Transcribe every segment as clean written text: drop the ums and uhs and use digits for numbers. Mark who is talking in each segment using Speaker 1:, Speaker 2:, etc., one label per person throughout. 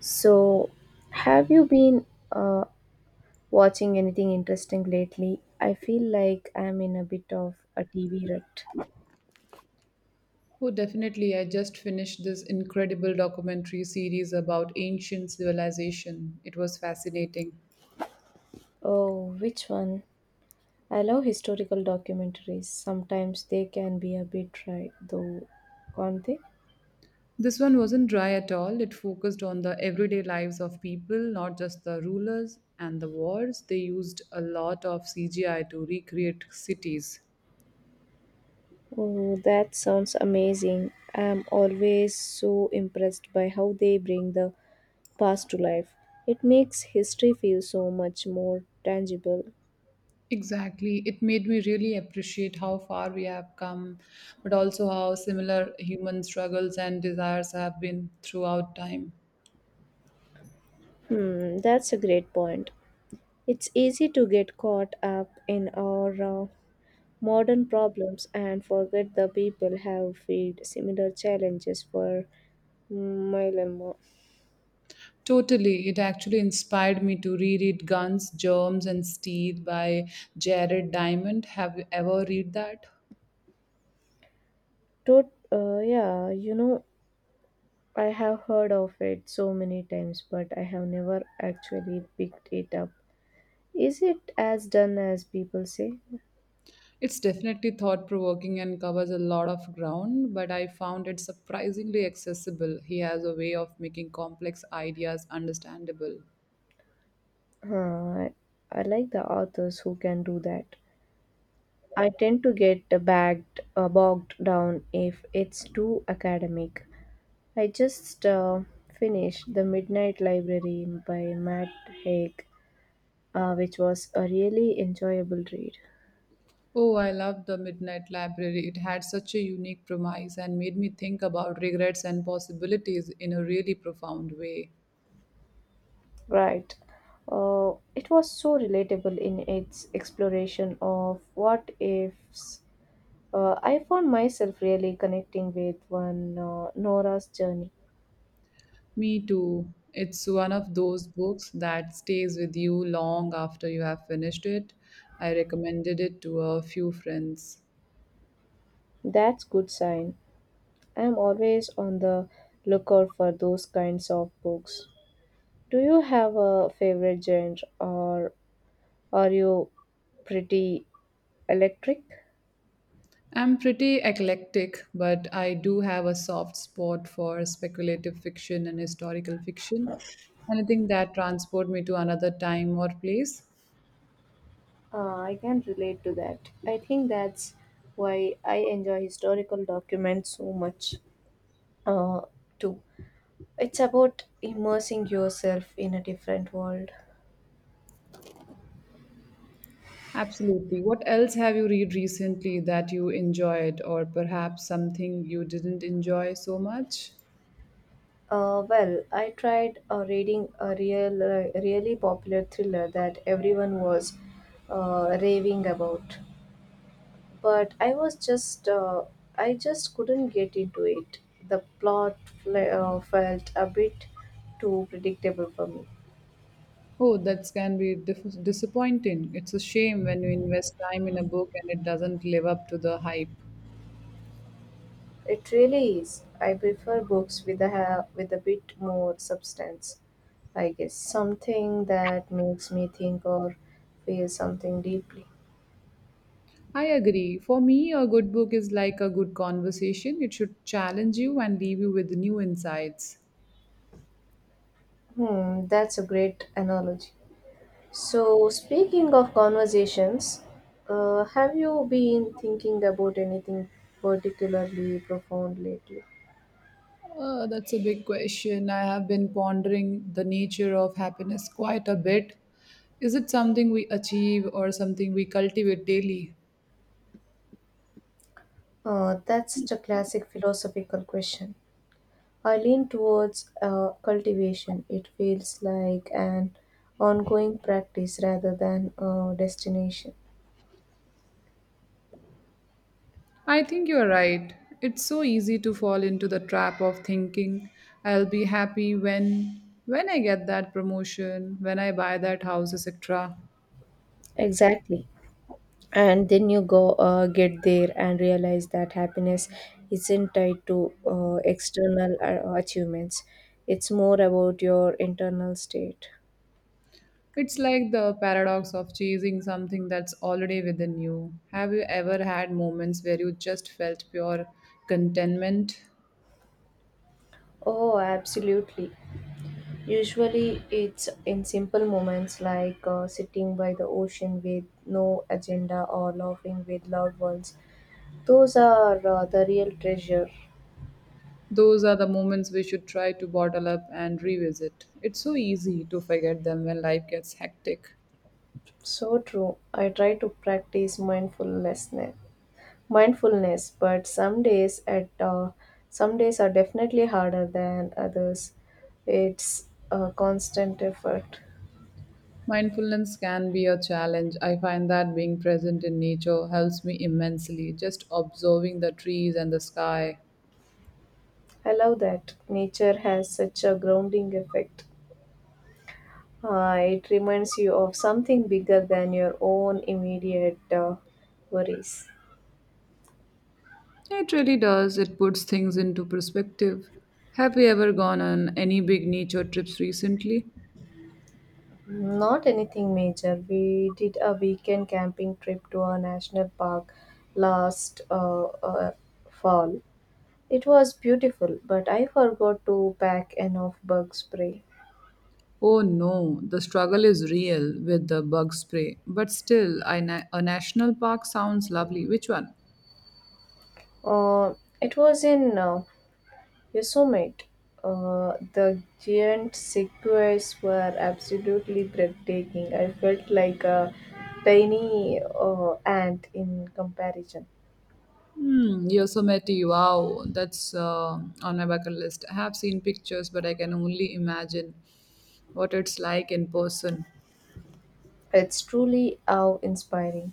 Speaker 1: So, have you been watching anything interesting lately? I feel like I'm in a bit of a TV rut.
Speaker 2: Oh, definitely. I just finished this incredible documentary series about ancient civilization. It was fascinating.
Speaker 1: Oh, which one? I love historical documentaries. Sometimes they can be a bit dry, though, can't they?
Speaker 2: This one wasn't dry at all. It focused on the everyday lives of people, not just the rulers and the wars. They used a lot of CGI to recreate cities.
Speaker 1: Oh, that sounds amazing. I'm always so impressed by how they bring the past to life. It makes history feel so much more tangible.
Speaker 2: Exactly. It made me really appreciate how far we have come, but also how similar human struggles and desires have been throughout time.
Speaker 1: Hmm, that's a great point. It's easy to get caught up in our modern problems and forget the people have faced similar challenges for mile and more.
Speaker 2: Totally. It actually inspired me to reread Guns, Germs, and Steel by Jared Diamond. Have you ever read that?
Speaker 1: Yeah, I have heard of it so many times, but I have never actually picked it up. Is it as done as people say?
Speaker 2: It's definitely thought provoking and covers a lot of ground, but I found it surprisingly accessible. He has a way of making complex ideas understandable.
Speaker 1: Huh, I like the authors who can do that. I tend to get bogged down if it's too academic. I just finished The Midnight Library by Matt Haig, which was a really enjoyable read.
Speaker 2: Oh, I love The Midnight Library. It had such a unique premise and made me think about regrets and possibilities in a really profound way.
Speaker 1: Right. It was so relatable in its exploration of what ifs. I found myself really connecting with one Nora's journey.
Speaker 2: Me too. It's one of those books that stays with you long after you have finished it. I recommended it to a few friends.
Speaker 1: That's good sign. I am always on the lookout for those kinds of books. Do you have a favorite genre, or are you pretty electric.
Speaker 2: I'm pretty eclectic, but I do have a soft spot for speculative fiction and historical fiction. Anything that transport me to another time or place.
Speaker 1: I can relate to that. I think that's why I enjoy historical documents so much, uh, too. It's about immersing yourself in a different world.
Speaker 2: Absolutely. What else have you read recently that you enjoyed, or perhaps something you didn't enjoy so much?
Speaker 1: Well, I tried reading really popular thriller that everyone was raving about, but I just couldn't get into it. The plot felt a bit too predictable for me.
Speaker 2: Oh, that can be disappointing. It's a shame when you invest time in a book and it doesn't live up to the hype.
Speaker 1: It really is. I prefer books with a bit more substance. I guess something that makes me think or feel something deeply.
Speaker 2: I agree. For me, a good book is like a good conversation. It should challenge you and leave you with new insights.
Speaker 1: Hmm, that's a great analogy. So, speaking of conversations, have you been thinking about anything particularly profound lately?
Speaker 2: That's a big question. I have been pondering the nature of happiness quite a bit. Is it something we achieve or something we cultivate daily?
Speaker 1: That's such a classic philosophical question. I lean towards cultivation. It feels like an ongoing practice rather than a destination.
Speaker 2: I think you're right. It's so easy to fall into the trap of thinking I'll be happy when I get that promotion, when I buy that house, etc.
Speaker 1: Exactly. And then you go get there and realize that happiness isn't tied to external achievements. It's more about your internal state.
Speaker 2: It's like the paradox of chasing something that's already within you. Have you ever had moments where you just felt pure contentment?
Speaker 1: Oh, absolutely. Usually, it's in simple moments like sitting by the ocean with no agenda or laughing with loved ones. Those are the real treasure.
Speaker 2: Those are the moments we should try to bottle up and revisit. It's so easy to forget them when life gets hectic.
Speaker 1: So true. I try to practice mindfulness, but some days are definitely harder than others. It's a constant effort.
Speaker 2: Mindfulness can be a challenge. I find that being present in nature helps me immensely, just observing the trees and the sky.
Speaker 1: I love that nature has such a grounding effect. It reminds you of something bigger than your own immediate worries.
Speaker 2: It really does. It puts things into perspective. Have you ever gone on any big nature trips recently?
Speaker 1: Not anything major. We did a weekend camping trip to a national park last fall. It was beautiful, but I forgot to pack enough bug spray.
Speaker 2: Oh no, the struggle is real with the bug spray. But still, a national park sounds lovely. Which one?
Speaker 1: Uh, it was in Yosemite. The giant sequoias were absolutely breathtaking. I felt like a tiny ant in comparison.
Speaker 2: Hmm, Yosemite, wow, that's on my bucket list. I have seen pictures, but I can only imagine what it's like in person.
Speaker 1: It's truly awe inspiring.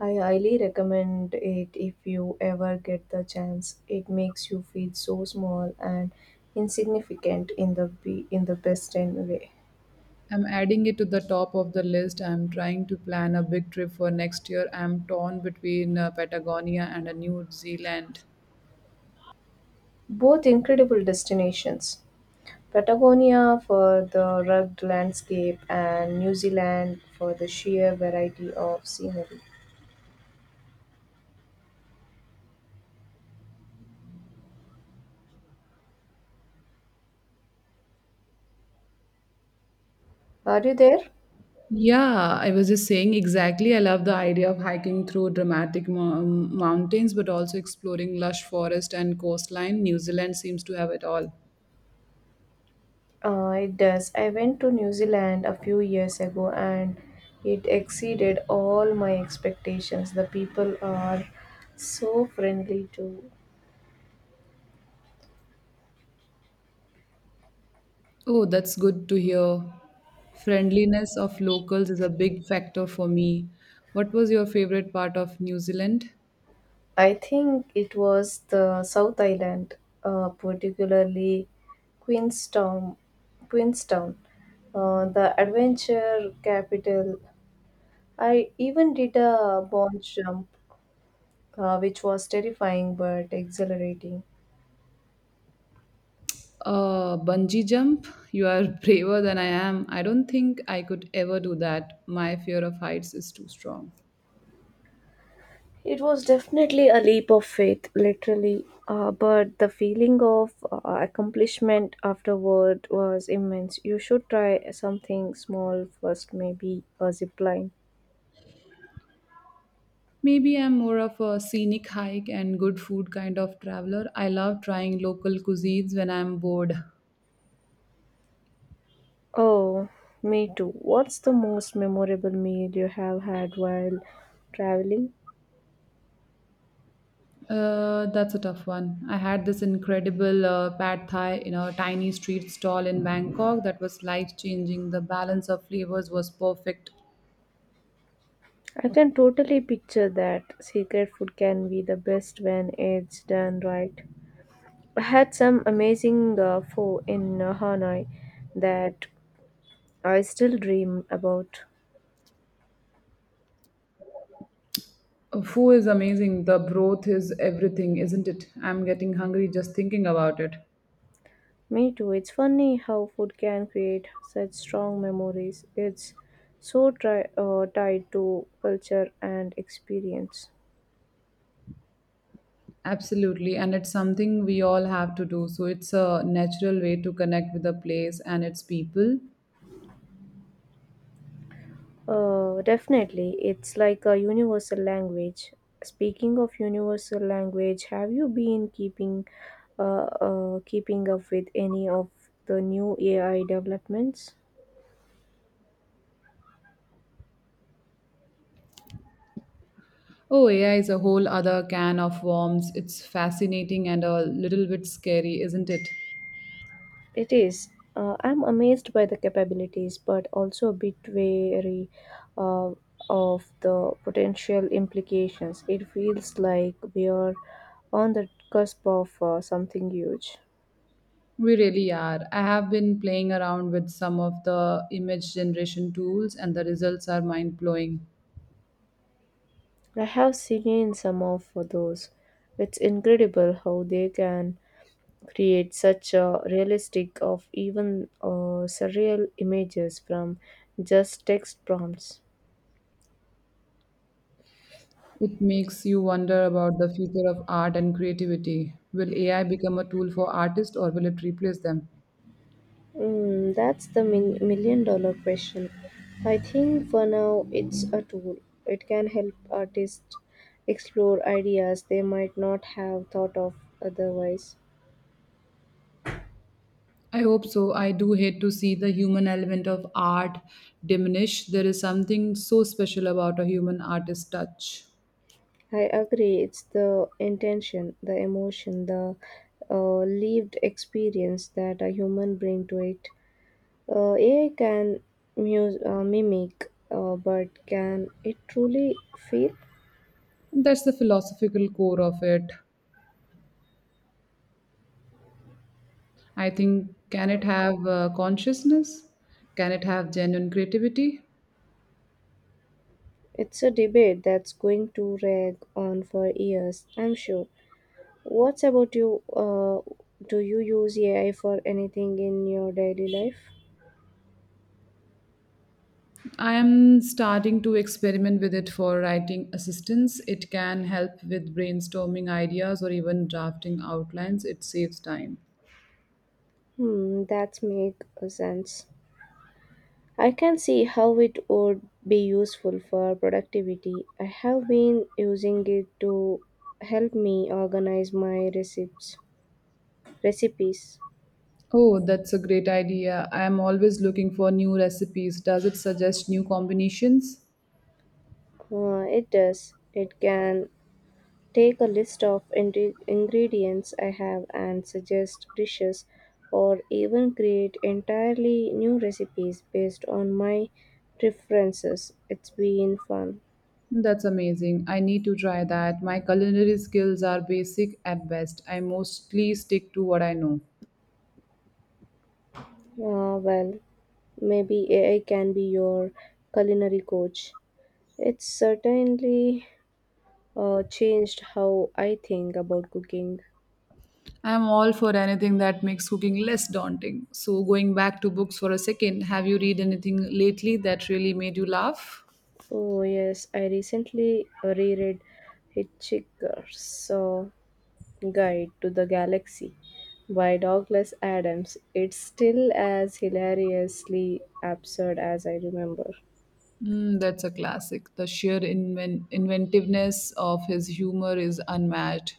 Speaker 1: I highly recommend it if you ever get the chance. It makes you feel so small and insignificant in the best in way.
Speaker 2: I'm adding it to the top of the list. I'm trying to plan a big trip for next year. I'm torn between Patagonia and New Zealand.
Speaker 1: Both incredible destinations. Patagonia for the rugged landscape and New Zealand for the sheer variety of scenery. Are you there?
Speaker 2: Yeah, I was just saying exactly. I love the idea of hiking through mountains, but also exploring lush forest and coastline. New Zealand seems to have it all.
Speaker 1: It does. I went to New Zealand a few years ago and it exceeded all my expectations. The people are so friendly too.
Speaker 2: Oh, that's good to hear. Friendliness of locals is a big factor for me. What was your favorite part of New Zealand?
Speaker 1: I think it was the South Island, particularly Queenstown. Queenstown, the adventure capital. I even did a bungee jump, which was terrifying but exhilarating.
Speaker 2: Bungee jump. You are braver than I am. I don't think I could ever do that. My fear of heights is too strong.
Speaker 1: It was definitely a leap of faith, literally, but the feeling of accomplishment afterward was immense. You should try something small first, maybe a zip line.
Speaker 2: Maybe I'm more of a scenic hike and good food kind of traveler. I love trying local cuisines when I'm bored.
Speaker 1: Oh, me too. What's the most memorable meal you have had while traveling?
Speaker 2: That's a tough one. I had this incredible pad thai in a tiny street stall in Bangkok that was life changing. The balance of flavors was perfect.
Speaker 1: I can totally picture that. Secret food can be the best when it's done right. I had some amazing pho in Hanoi that I still dream about.
Speaker 2: Pho is amazing. The broth is everything, isn't it? I'm getting hungry just thinking about it.
Speaker 1: Me too. It's funny how food can create such strong memories. It's so tied to culture and experience.
Speaker 2: Absolutely, and it's something we all have to do. So it's a natural way to connect with the place and its people.
Speaker 1: Definitely. It's like a universal language. Speaking of universal language, have you been keeping up with any of the new AI developments?
Speaker 2: Oh, AI is a whole other can of worms. It's fascinating and a little bit scary, isn't it?
Speaker 1: It is. I'm amazed by the capabilities, but also a bit wary uh, of the potential implications. It feels like we are on the cusp of something huge.
Speaker 2: We really are. I have been playing around with some of the image generation tools, and the results are mind blowing.
Speaker 1: I have seen some of those. It's incredible how they can create such a realistic of even surreal images from just text prompts.
Speaker 2: It makes you wonder about the future of art and creativity. Will AI become a tool for artists or will it replace them?
Speaker 1: Mm, that's the million dollar question. I think for now it's a tool. It can help artists explore ideas they might not have thought of otherwise.
Speaker 2: I hope so. I do hate to see the human element of art diminish. There is something so special about a human artist touch.
Speaker 1: I agree, it's the intention, the emotion, the lived experience that a human bring to it. AI can mimic, but can it truly feel?
Speaker 2: That's the philosophical core of it. I think can it have consciousness? Can it have genuine creativity?
Speaker 1: It's a debate that's going to rag on for years, I'm sure. What's about you? Do you use AI for anything in your daily life?
Speaker 2: I am starting to experiment with it for writing assistance. It can help with brainstorming ideas or even drafting outlines. It saves time.
Speaker 1: Hmm, that makes sense. I can see how it would be useful for productivity. I have been using it to help me organize my recipes. Recipes.
Speaker 2: Oh, that's a great idea. I am always looking for new recipes. Does it suggest new combinations?
Speaker 1: It does. It can take a list of ingredients I have and suggest dishes, or even create entirely new recipes based on my preferences. It's been fun.
Speaker 2: That's amazing. I need to try that. My culinary skills are basic at best. I mostly stick to what I know.
Speaker 1: Well, maybe AI can be your culinary coach. It's certainly changed how I think about cooking.
Speaker 2: I'm all for anything that makes cooking less daunting. So, going back to books for a second, have you read anything lately that really made you laugh?
Speaker 1: Oh, yes, I recently reread Hitchhiker's Guide to the Galaxy by Douglas Adams. It's still as hilariously absurd as I remember.
Speaker 2: Mm, that's a classic. The sheer inventiveness of his humor is unmatched.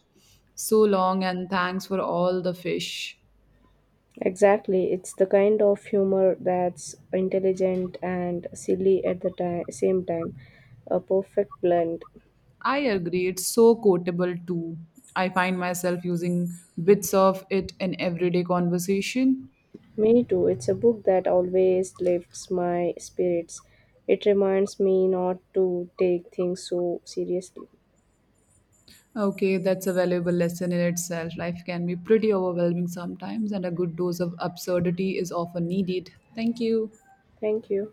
Speaker 2: So long, and thanks for all the fish.
Speaker 1: Exactly, it's the kind of humor that's intelligent and silly at the same time. A perfect blend.
Speaker 2: I agree, it's so quotable too. I find myself using bits of it in everyday conversation.
Speaker 1: Me too, it's a book that always lifts my spirits. It reminds me not to take things so seriously.
Speaker 2: Okay, that's a valuable lesson in itself. Life can be pretty overwhelming sometimes, and a good dose of absurdity is often needed. Thank you.
Speaker 1: Thank you.